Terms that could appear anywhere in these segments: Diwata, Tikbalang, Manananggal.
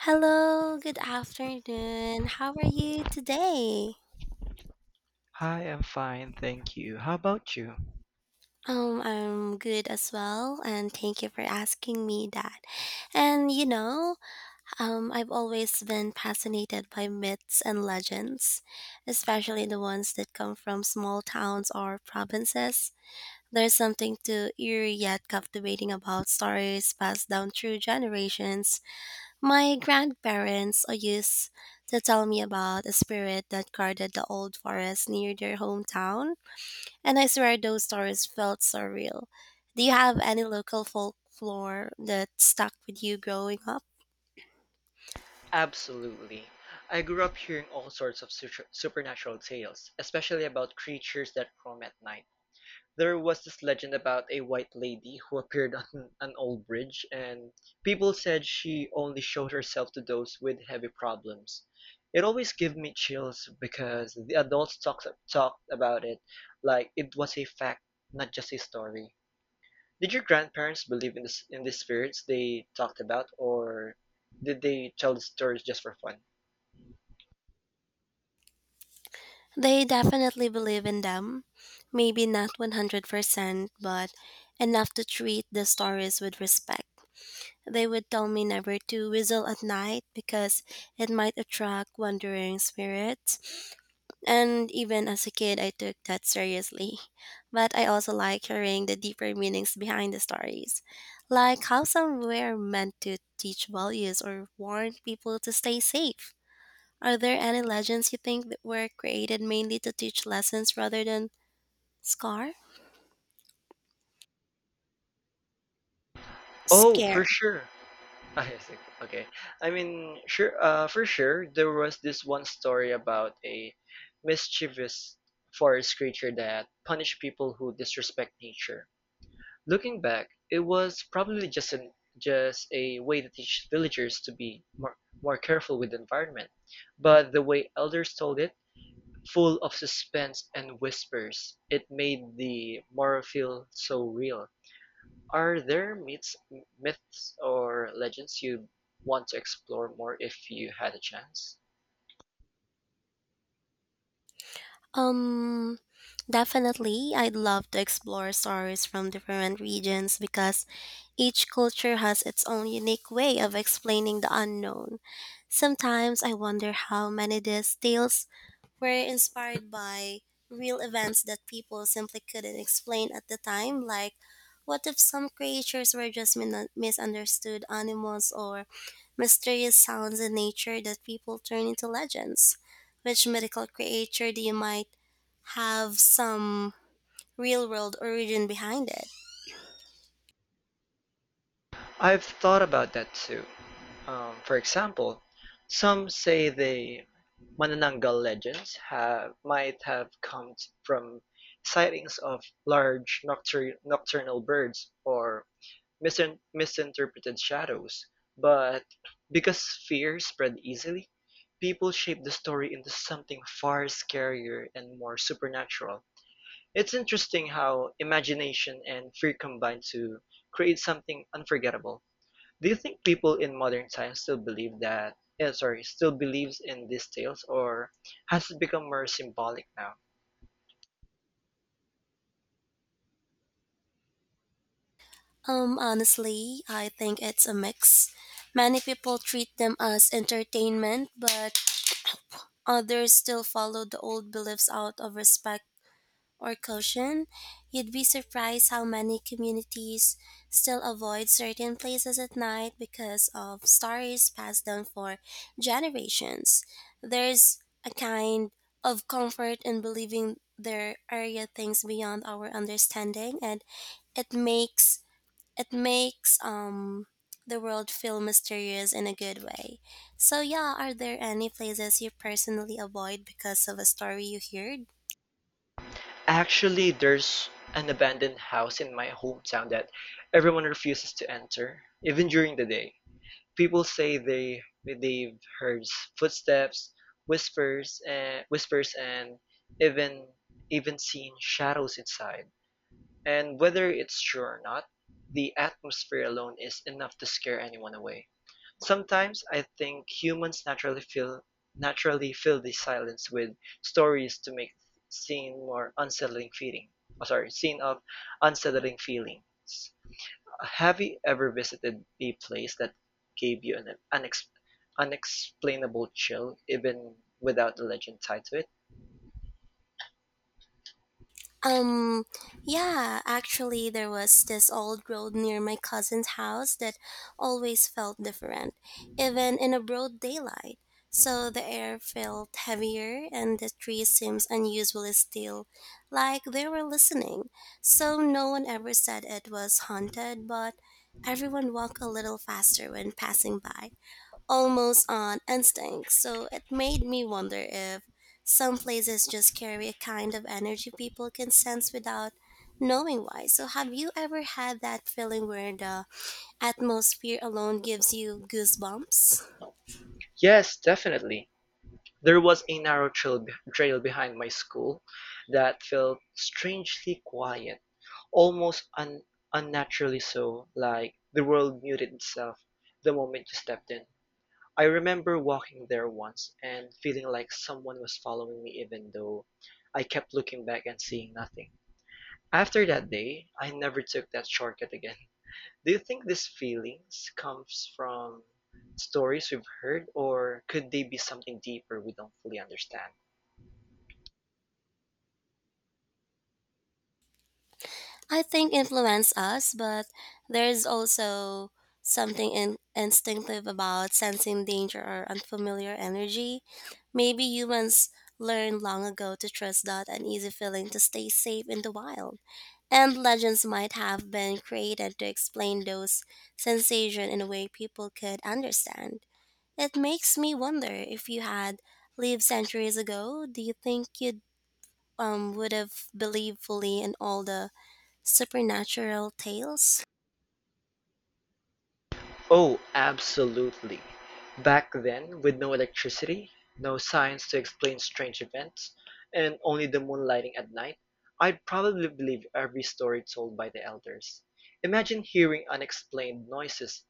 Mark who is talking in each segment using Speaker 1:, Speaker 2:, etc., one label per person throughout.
Speaker 1: Hello, good afternoon. How are you today?
Speaker 2: Hi, I'm fine, thank you. How about you?
Speaker 1: I'm good as well, and thank you for asking me that. And you know, I've always been fascinated by myths and legends, especially the ones that come from small towns or provinces. There's something too eerie yet captivating about stories passed down through generations. My grandparents used to tell me about a spirit that guarded the old forest near their hometown, and I swear those stories felt so real. Do you have any local folklore that stuck with you growing up?
Speaker 2: Absolutely. I grew up hearing all sorts of supernatural tales, especially about creatures that roam at night. There was this legend about a white lady who appeared on an old bridge, and people said she only showed herself to those with heavy problems. It always gave me chills because the adults talked about it like it was a fact, not just a story. Did your grandparents believe in this in the spirits they talked about, or did they tell the stories just for fun?
Speaker 1: They definitely believe in them. Maybe not 100%, but enough to treat the stories with respect. They would tell me never to whistle at night because it might attract wandering spirits. And even as a kid, I took that seriously. But I also like hearing the deeper meanings behind the stories, like how some were meant to teach values or warn people to stay safe. Are there any legends you think that were created mainly to teach lessons rather than scar?
Speaker 2: Oh, for
Speaker 1: Scare.
Speaker 2: sure. I think okay. I mean, sure. For sure, there was this one story about a mischievous forest creature that punished people who disrespect nature. Looking back, it was probably just a way to teach villagers to be more careful with the environment. But the way elders told it, full of suspense and whispers, it made the morrow feel so real. Are there myths or legends you want to explore more if you had a chance?
Speaker 1: Um, Definitely, I'd love to explore stories from different regions because each culture has its own unique way of explaining the unknown. Sometimes I wonder how many these tales were inspired by real events that people simply couldn't explain at the time, like what if some creatures were just misunderstood animals or mysterious sounds in nature that people turn into legends? Which mythical creature do you might have some real world origin behind it?
Speaker 2: I've thought about that too. For example, some say the Manananggal legends have might have come from sightings of large nocturnal birds or misinterpreted shadows, but because fear spread easily, people shaped the story into something far scarier and more supernatural. It's interesting how imagination and fear combine to create something unforgettable. Do you think people in modern times still believe that? Eh, sorry, still believes in these tales, or has it become more symbolic now?
Speaker 1: Honestly, I think it's a mix. Many people treat them as entertainment, but others still follow the old beliefs out of respect or caution. You'd be surprised how many communities still avoid certain places at night because of stories passed down for generations. There's a kind of comfort in believing there are things beyond our understanding, and it makes it makes the world feel mysterious in a good way. So yeah, are there any places you personally avoid because of a story you heard?
Speaker 2: Actually, there's an abandoned house in my hometown that everyone refuses to enter, even during the day. People say they've heard footsteps, whispers, and even even seen shadows inside. And whether it's true or not, the atmosphere alone is enough to scare anyone away. Sometimes I think humans naturally fill the silence with stories to make scene more unsettling feeling. Scene of unsettling feelings. Have you ever visited a place that gave you an unexplainable chill, even without the legend tied to it?
Speaker 1: Um, yeah, actually, there was this old road near my cousin's house that always felt different, even in a broad daylight. So the air felt heavier, and the trees seemed unusually still, like they were listening. So no one ever said it was haunted, but everyone walked a little faster when passing by, almost on instinct. So it made me wonder if some places just carry a kind of energy people can sense without knowing why. So have you ever had that feeling where the atmosphere alone gives you goosebumps?
Speaker 2: Yes, definitely. There was a narrow trail behind my school that felt strangely quiet, almost unnaturally so, like the world muted itself the moment you stepped in. I remember walking there once and feeling like someone was following me even though I kept looking back and seeing nothing. After that day, I never took that shortcut again. Do you think these feelings comes from stories we've heard, or could they be something deeper we don't fully understand?
Speaker 1: I think influence us, but there's also instinctive about sensing danger or unfamiliar energy. Maybe humans learned long ago to trust that uneasy feeling to stay safe in the wild. And legends might have been created to explain those sensations in a way people could understand. It makes me wonder if you had lived centuries ago, do you think you would have believed fully in all the supernatural tales?
Speaker 2: Oh, absolutely. Back then, with no electricity, no science to explain strange events, and only the moonlighting at night, I'd probably believe every story told by the elders. Imagine hearing unexplained noises,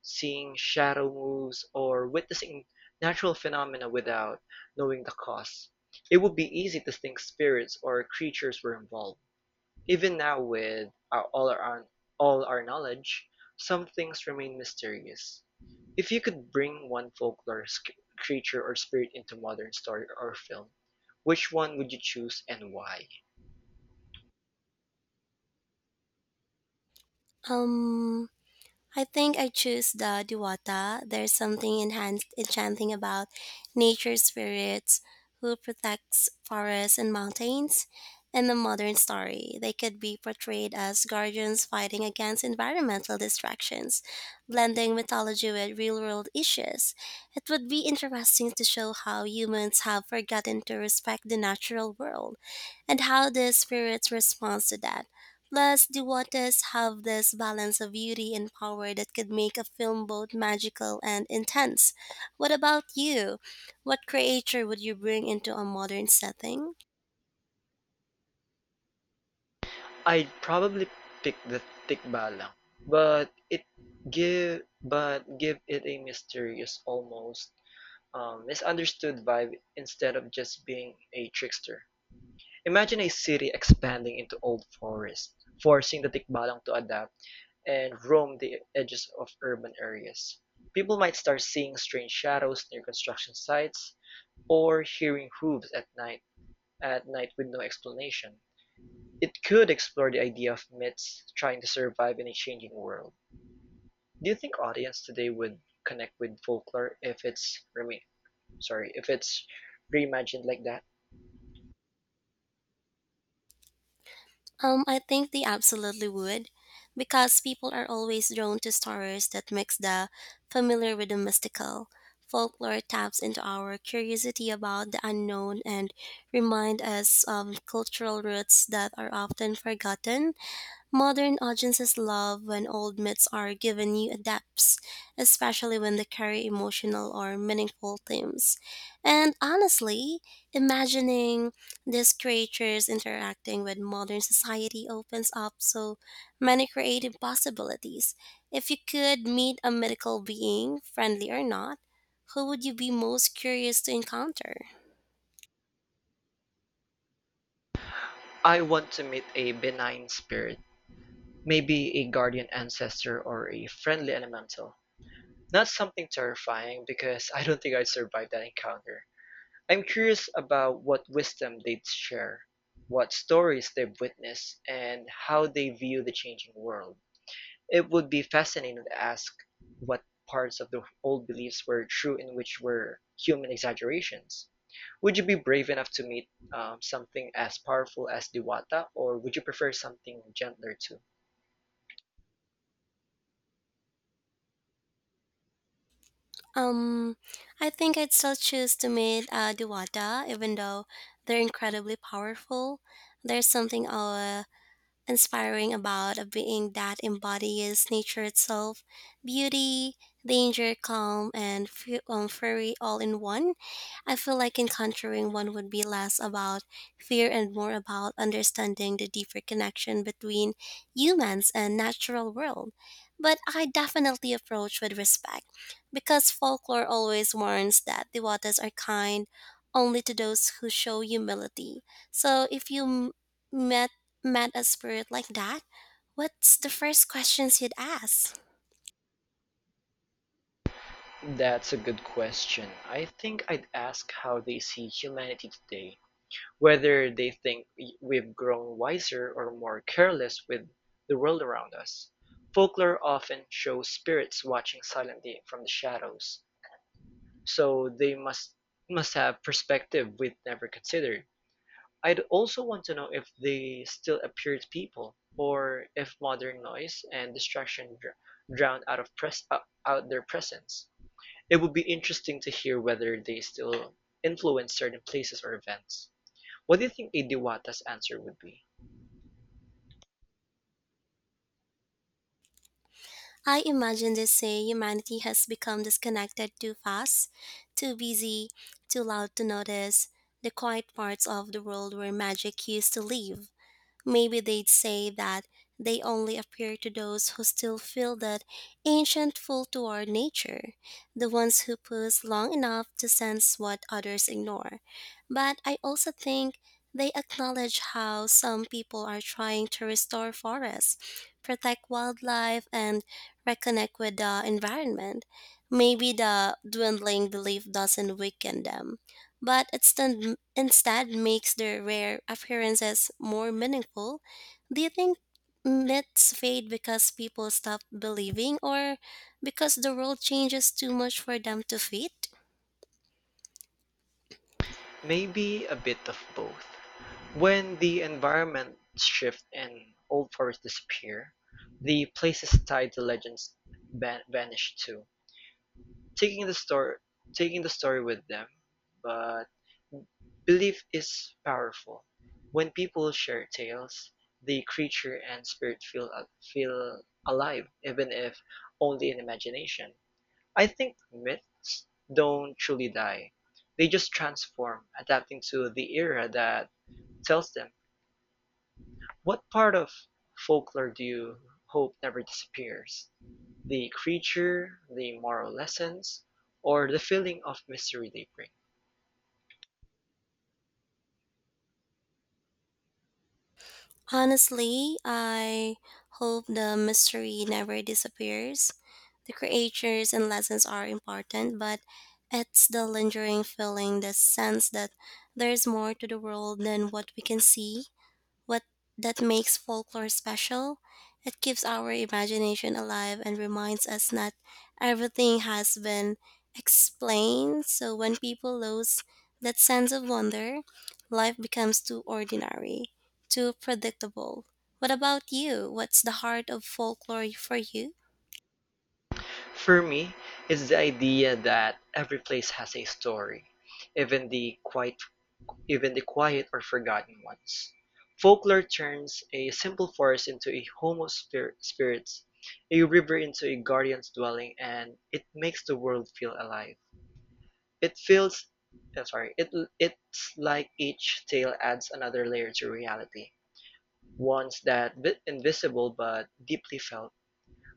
Speaker 2: seeing shadow moves, or witnessing natural phenomena without knowing the cause. It would be easy to think spirits or creatures were involved. Even now, with all our knowledge, some things remain mysterious. If you could bring one folklore creature or spirit into modern story or film, which one would you choose and why?
Speaker 1: Um, I think I choose the Diwata. There's something enchanting about nature spirits who protects forests and mountains. In the modern story, they could be portrayed as guardians fighting against environmental distractions, blending mythology with real-world issues. It would be interesting to show how humans have forgotten to respect the natural world and how the spirits respond to that. Plus, the waters have this balance of beauty and power that could make a film both magical and intense. What about you? What creature would you bring into a modern setting?
Speaker 2: I'd probably pick the Tikbalang, but it give but give it a mysterious, almost misunderstood vibe instead of just being a trickster. Imagine a city expanding into old forests, forcing the Tikbalang to adapt and roam the edges of urban areas. People might start seeing strange shadows near construction sites or hearing hooves at night with no explanation. It could explore the idea of myths trying to survive in a changing world. Do you think audience today would connect with folklore if if it's reimagined like that?
Speaker 1: I think they absolutely would, because people are always drawn to stories that mix the familiar with the mystical. Folklore taps into our curiosity about the unknown and remind us of cultural roots that are often forgotten. Modern audiences love when old myths are given new adapts, especially when they carry emotional or meaningful themes. And honestly, imagining these creatures interacting with modern society opens up so many creative possibilities. If you could meet a mythical being, friendly or not, who would you be most curious to encounter?
Speaker 2: I want to meet a benign spirit, maybe a guardian ancestor or a friendly elemental. Not something terrifying, because I don't think I'd survive that encounter. I'm curious about what wisdom they'd share, what stories they've witnessed, and how they view the changing world. It would be fascinating to ask what parts of the old beliefs were true and which were human exaggerations. Would you be brave enough to meet something as powerful as Diwata, or would you prefer something gentler too?
Speaker 1: Um, I think I'd still choose to meet Duwata, even though they're incredibly powerful. There's something inspiring about a being that embodies nature itself, beauty, danger, calm, and fury all in one. I feel like encountering one would be less about fear and more about understanding the deeper connection between humans and natural world. But I definitely approach with respect because folklore always warns that the waters are kind only to those who show humility. So if you met met a spirit like that, what's the first questions you'd ask?
Speaker 2: That's a good question. I think I'd ask how they see humanity today, whether they think have grown wiser or more careless with the world around us. Folklore often shows spirits watching silently from the shadows, so they must have perspective we'd never considered. I'd also want to know if they still appear to people, or if modern noise and distraction drown out their presence. It would be interesting to hear whether they still influence certain places or events. What do you think a Diwata's answer would be?
Speaker 1: I imagine they say humanity has become disconnected too fast, too busy, too loud to notice the quiet parts of the world where magic used to live. Maybe they'd say that they only appear to those who still feel that ancient pull toward nature, the ones who pause long enough to sense what others ignore. But I also think they acknowledge how some people are trying to restore forests, protect wildlife, and reconnect with the environment. Maybe the dwindling belief doesn't weaken them but instead makes their rare appearances more meaningful. Do you think myths fade because people stop believing or because the world changes too much for them to fit?
Speaker 2: Maybe a bit of both. When the environment shifts and old forests disappear, the places tied to legends vanish too, taking the story taking the story with them. But belief is powerful. When people share tales, the creature and spirit feel alive, even if only in imagination. I think myths don't truly die. They just transform, adapting to the era that tells them. What part of folklore do you hope never disappears? The creature, the moral lessons, or the feeling of mystery they bring?
Speaker 1: Honestly, I hope the mystery never disappears. The creatures and lessons are important, but it's the lingering feeling, the sense that there's more to the world than what we can see. What that makes folklore special? It keeps our imagination alive and reminds us not everything has been explained. So when people lose that sense of wonder, life becomes too ordinary, too predictable. What about you? What's the heart of folklore for you?
Speaker 2: For me, it's the idea that every place has a story, even the quiet even the quiet or forgotten ones. Folklore turns a simple forest into a home of spirits, a river into a guardian's dwelling, and it makes the world feel alive. It feels, I'm sorry, it It's like each tale adds another layer to reality, ones that bit invisible but deeply felt.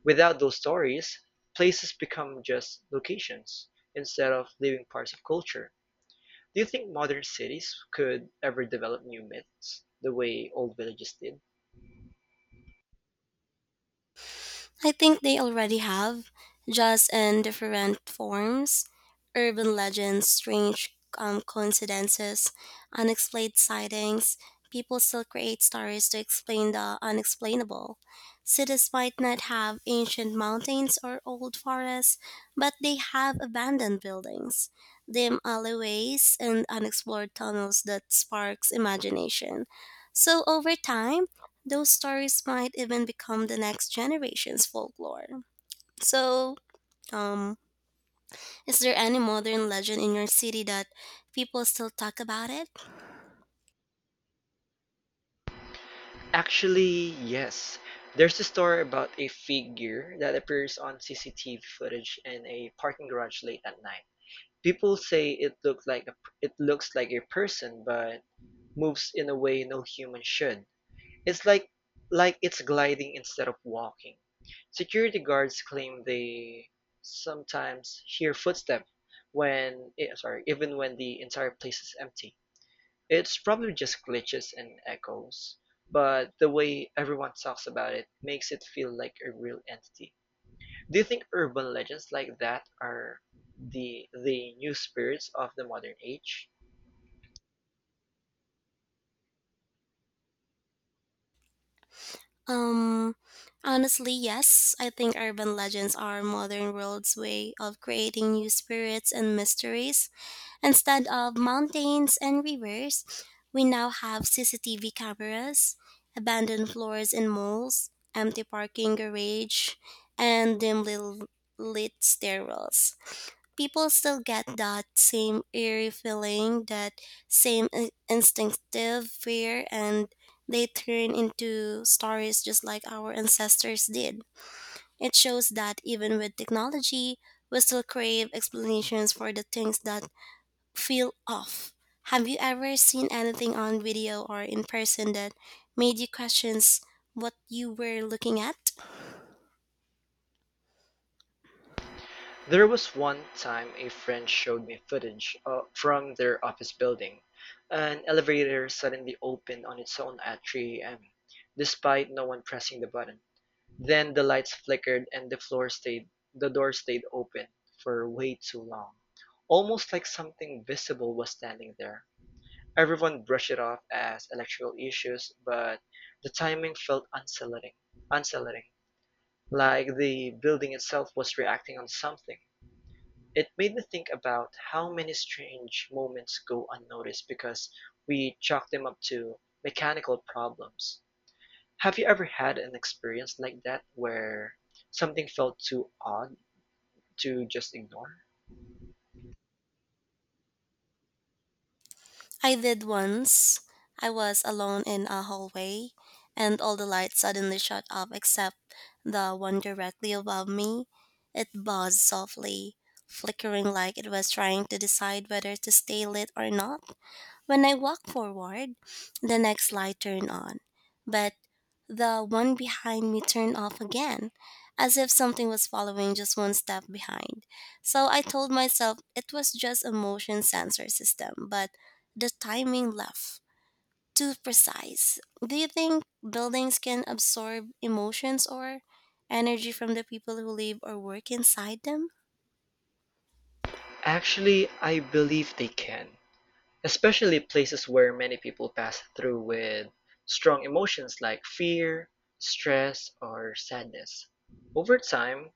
Speaker 2: Without those stories, places become just locations instead of living parts of culture. Do you think modern cities could ever develop new myths the way old villages did?
Speaker 1: I think they already have, just in different forms. Urban legends, strange coincidences, unexplained sightings. People still create stories to explain the unexplainable. Cities might not have ancient mountains or old forests, but they have abandoned buildings, dim alleyways, and unexplored tunnels that sparks imagination. So over time, those stories might even become the next generation's folklore. So, um, is there any modern legend in your city that people still talk about it?
Speaker 2: Actually, yes. There's a story about a figure that appears on CCTV footage in a parking garage late at night. People say it looks like a person but moves in a way no human should. It's like it's gliding instead of walking. Security guards claim they sometimes hear footsteps even when the entire place is empty. It's probably just glitches and echoes, but the way everyone talks about it makes it feel like a real entity. Do you think urban legends like that are the new spirits of the modern age?
Speaker 1: Um, Honestly, yes. I think urban legends are modern world's way of creating new spirits and mysteries. Instead of mountains and rivers, we now have CCTV cameras, abandoned floors in malls, empty parking garage, and lit stairwells. People still get that same eerie feeling, that same instinctive fear, and they turn into stories just like our ancestors did. It shows that even with technology, we still crave explanations for the things that feel off. Have you ever seen anything on video or in person that made you question what you were looking at?
Speaker 2: There was one time a friend showed me footage from their office building. An elevator suddenly opened on its own at 3 a.m., despite no one pressing the button. Then the lights flickered and the door stayed open for way too long, almost like something visible was standing there. Everyone brushed it off as electrical issues, but the timing felt unsettling, like the building itself was reacting on something. It made me think about how many strange moments go unnoticed because we chalk them up to mechanical problems. Have you ever had an experience like that where something felt too odd to just ignore?
Speaker 1: I did once. I was alone in a hallway, and all the lights suddenly shut off except the one directly above me. It buzzed softly, flickering like it was trying to decide whether to stay lit or not. When I walk forward, the next light turned on, but the one behind me turned off again, as if something was following just one step behind. So I told myself it was just a motion sensor system, but the timing left too precise. Do you think buildings can absorb emotions or energy from the people who live or work inside them?
Speaker 2: Actually, I believe they can, especially places where many people pass through with strong emotions like fear, stress, or sadness. Over time,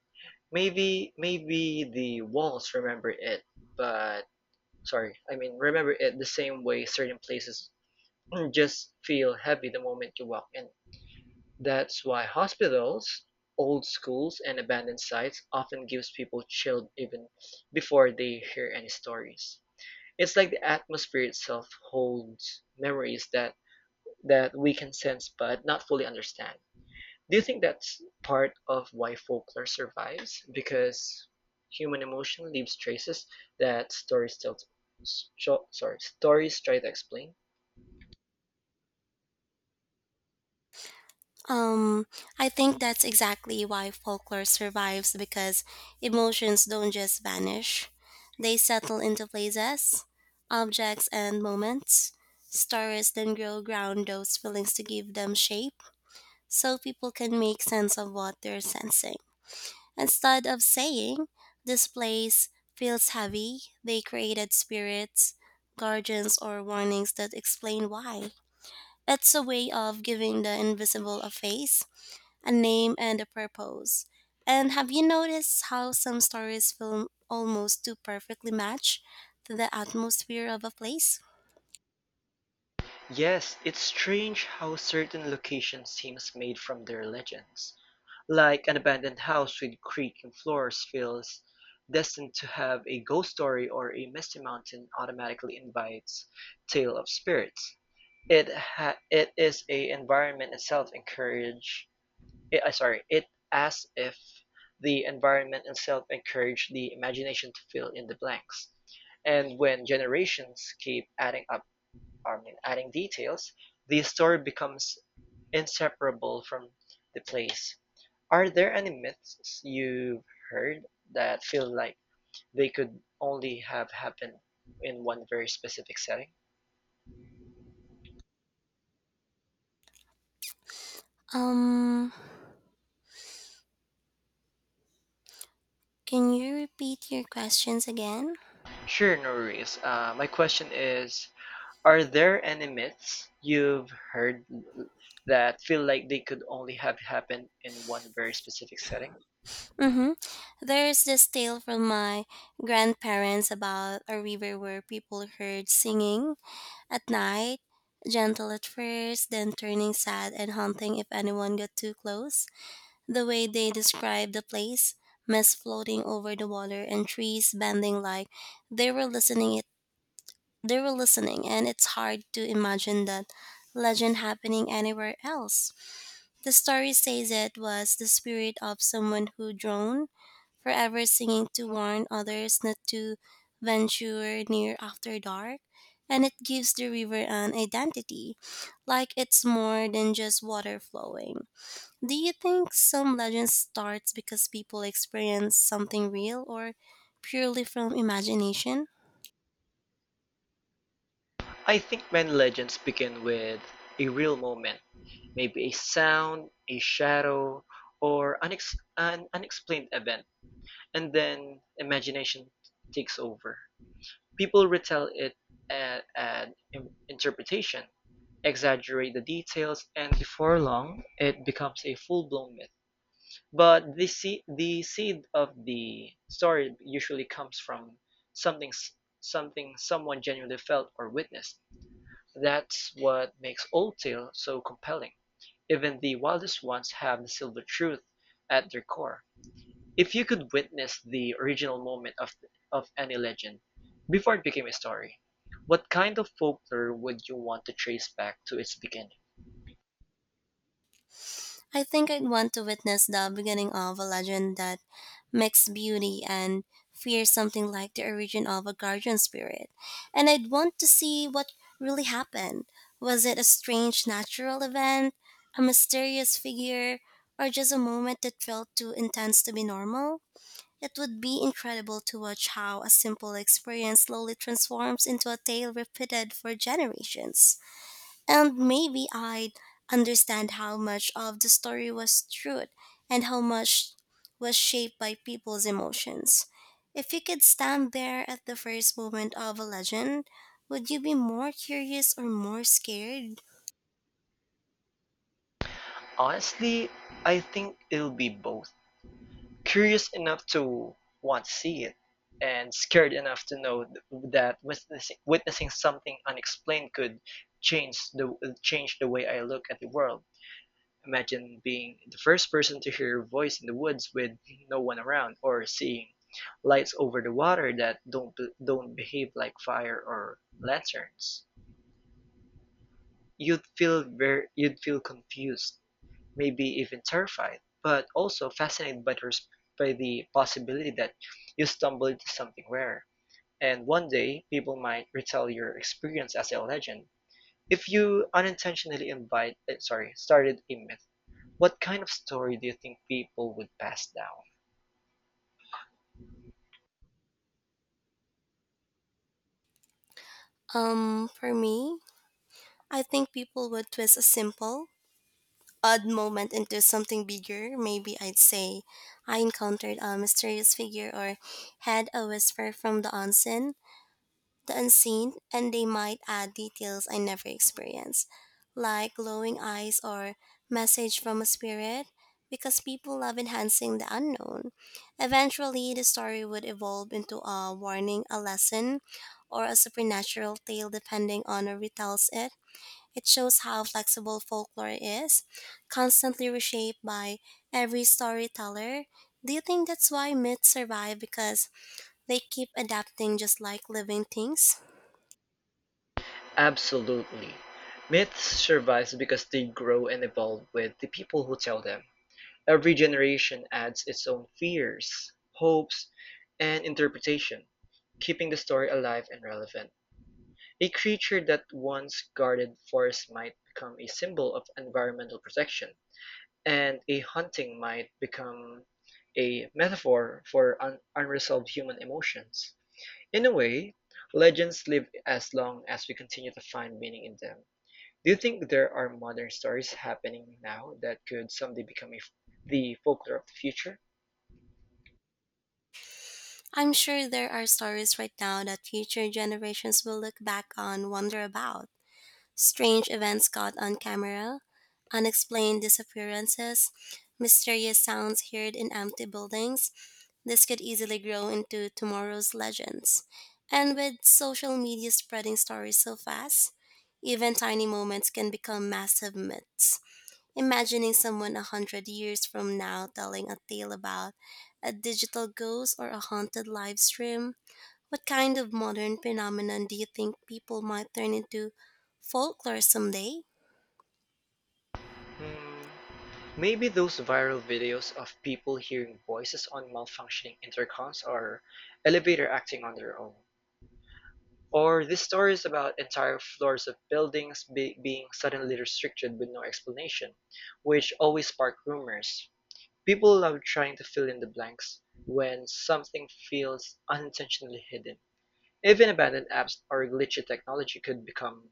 Speaker 2: maybe the walls remember it, but sorry I mean remember it the same way certain places just feel heavy the moment you walk in. That's why hospitals, old schools, and abandoned sites often gives people chilled even before they hear any stories. It's like the atmosphere itself holds memories that we can sense but not fully understand. Do you think that's part of why folklore survives? Because human emotion leaves traces that stories still, s- sho- sorry, stories try to explain.
Speaker 1: Um, I think that's exactly why folklore survives because emotions don't just vanish. They settle into places, objects, and moments. Stories then grow ground those feelings to give them shape so people can make sense of what they're sensing. Instead of saying, this place feels heavy, they created spirits, guardians, or warnings that explain why. It's a way of giving the invisible a face, a name and a purpose. And have you noticed how some stories feel almost too perfectly match to the atmosphere of a place?
Speaker 2: Yes, it's strange how certain locations seems made from their legends. Like an abandoned house with creaking floors feels destined to have a ghost story, or a misty mountain automatically invites tale of spirits. It ha- it is a environment itself encourage It, sorry, it As if the environment itself encouraged the imagination to fill in the blanks. And when generations keep adding up, I mean, adding details, the story becomes inseparable from the place. Are there any myths you've heard that feel like they could only have happened in one very specific setting?
Speaker 1: Um, can you repeat your questions again?
Speaker 2: Sure, no worries. My question is, are there any myths you've heard that feel like they could only have happened in one very specific setting?
Speaker 1: Mm-hmm. There's this tale from my grandparents about a river where people heard singing at night, gentle at first, then turning sad and haunting if anyone got too close. The way they described the place, mist floating over the water and trees bending like they were listening it they were listening, and it's hard to imagine that legend happening anywhere else. The story says it was the spirit of someone who droned, forever singing to warn others not to venture near after dark, and it gives the river an identity, like it's more than just water flowing. Do you think some legends starts because people experience something real or purely from imagination?
Speaker 2: I think many legends begin with a real moment, maybe a sound, a shadow, or an unexplained event, and then imagination takes over. People retell it and add interpretation, exaggerate the details, and before long, it becomes a full blown myth. But the seed of the story usually comes from something, something someone genuinely felt or witnessed. That's what makes old tales so compelling. Even the wildest ones have the silver truth at their core. If you could witness the original moment of any legend before it became a story, what kind of folklore would you want to trace back to its beginning?
Speaker 1: I think I'd want to witness the beginning of a legend that mixed beauty and fear something like the origin of a guardian spirit. And I'd want to see what really happened. Was it a strange natural event, a mysterious figure, or just a moment that felt too intense to be normal? It would be incredible to watch how a simple experience slowly transforms into a tale repeated for generations. And maybe I'd understand how much of the story was truth and how much was shaped by people's emotions. If you could stand there at the first moment of a legend, would you be more curious or more scared?
Speaker 2: Honestly, I think it'll be both. Curious enough to want to see it and scared enough to know that witnessing something unexplained could change the change the way I look at the world. Imagine being the first person to hear a voice in the woods with no one around, or seeing lights over the water that don't behave like fire or lanterns. You'd feel confused, maybe even terrified, but also fascinated by by the possibility that you stumble into something rare. And one day, people might retell your experience as a legend. If you unintentionally invite, eh, sorry, started a myth, what kind of story do you think people would pass down?
Speaker 1: For me, I think people would twist a simple, odd moment into something bigger. Maybe I'd say I encountered a mysterious figure or had a whisper from the unseen, and they might add details I never experienced, like glowing eyes or message from a spirit, because people love enhancing the unknown. Eventually, the story would evolve into a warning, a lesson, or a supernatural tale depending on who retells it. It shows how flexible folklore is, constantly reshaped by every storyteller. Do you think that's why myths survive because they keep adapting just like living things?
Speaker 2: Absolutely. Myths survive because they grow and evolve with the people who tell them. Every generation adds its own fears, hopes, and interpretation, keeping the story alive and relevant. A creature that once guarded forests might become a symbol of environmental protection, and a hunting might become a metaphor for unresolved human emotions. In a way, legends live as long as we continue to find meaning in them. Do you think there are modern stories happening now that could someday become the folklore of the future?
Speaker 1: I'm sure there are stories right now that future generations will look back on, wonder about. Strange events caught on camera, unexplained disappearances, mysterious sounds heard in empty buildings. This could easily grow into tomorrow's legends. And with social media spreading stories so fast, even tiny moments can become massive myths. Imagining someone 100 years from now telling a tale about a digital ghost or a haunted live stream, what kind of modern phenomenon do you think people might turn into folklore someday?
Speaker 2: Hmm, maybe those viral videos of people hearing voices on malfunctioning intercoms or elevator acting on their own. Or these stories about entire floors of buildings being suddenly restricted with no explanation, which always spark rumors. People love trying to fill in the blanks when something feels unintentionally hidden. Even abandoned apps or glitchy technology could become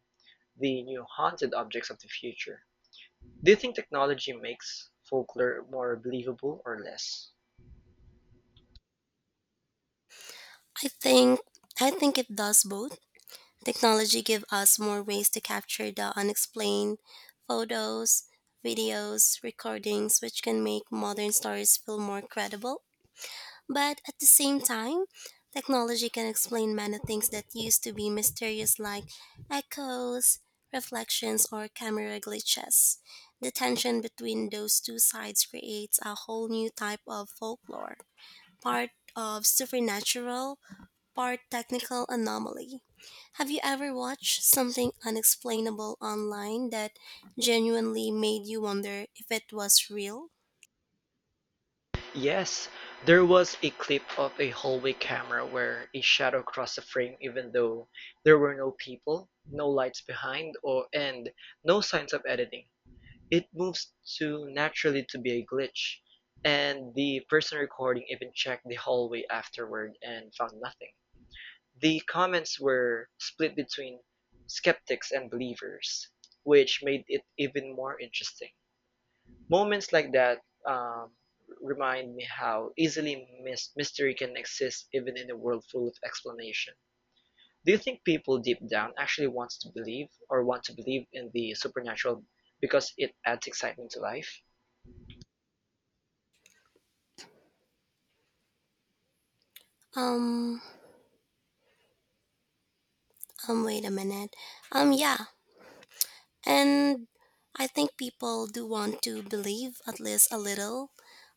Speaker 2: the new haunted objects of the future. Do you think technology makes folklore more believable or less?
Speaker 1: I think I think it does both. Technology give us more ways to capture the unexplained, photos, videos, recordings which can make modern stories feel more credible. But at the same time, technology can explain many things that used to be mysterious, like echoes, reflections, or camera glitches. The tension between those two sides creates a whole new type of folklore, part of supernatural, part technical anomaly. Have you ever watched something unexplainable online that genuinely made you wonder if it was real?
Speaker 2: Yes, there was a clip of a hallway camera where a shadow crossed the frame even though there were no people, no lights behind, or and no signs of editing. It moves too naturally to be a glitch, and the person recording even checked the hallway afterward and found nothing. The comments were split between skeptics and believers, which made it even more interesting. Moments like that um, remind me how easily mystery can exist even in a world full of explanation. Do you think people deep down actually want to believe in the supernatural because it adds excitement to life?
Speaker 1: Um, Wait a minute. Yeah, and I think people do want to believe at least a little.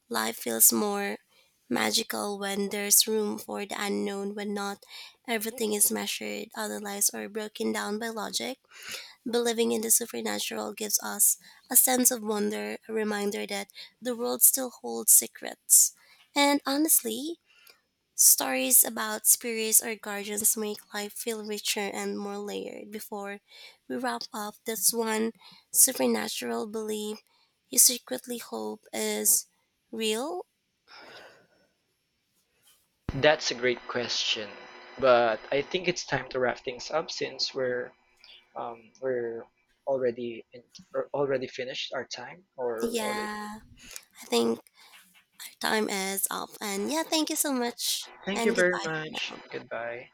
Speaker 1: Life feels more magical when there's room for the unknown, when not everything is measured, analyzed, or broken down by logic. Believing in the supernatural gives us a sense of wonder, a reminder that the world still holds secrets. And honestly, stories about spirits or guardians make life feel richer and more layered. Before we wrap up, that's one supernatural belief you secretly hope is real.
Speaker 2: That's a great question, but I think it's time to wrap things up since we're already in, or already finished our time, or we already.
Speaker 1: Yeah, I think our time is up. And yeah, thank you so much
Speaker 2: Thank you
Speaker 1: and
Speaker 2: very much.
Speaker 1: goodbye.
Speaker 2: Goodbye.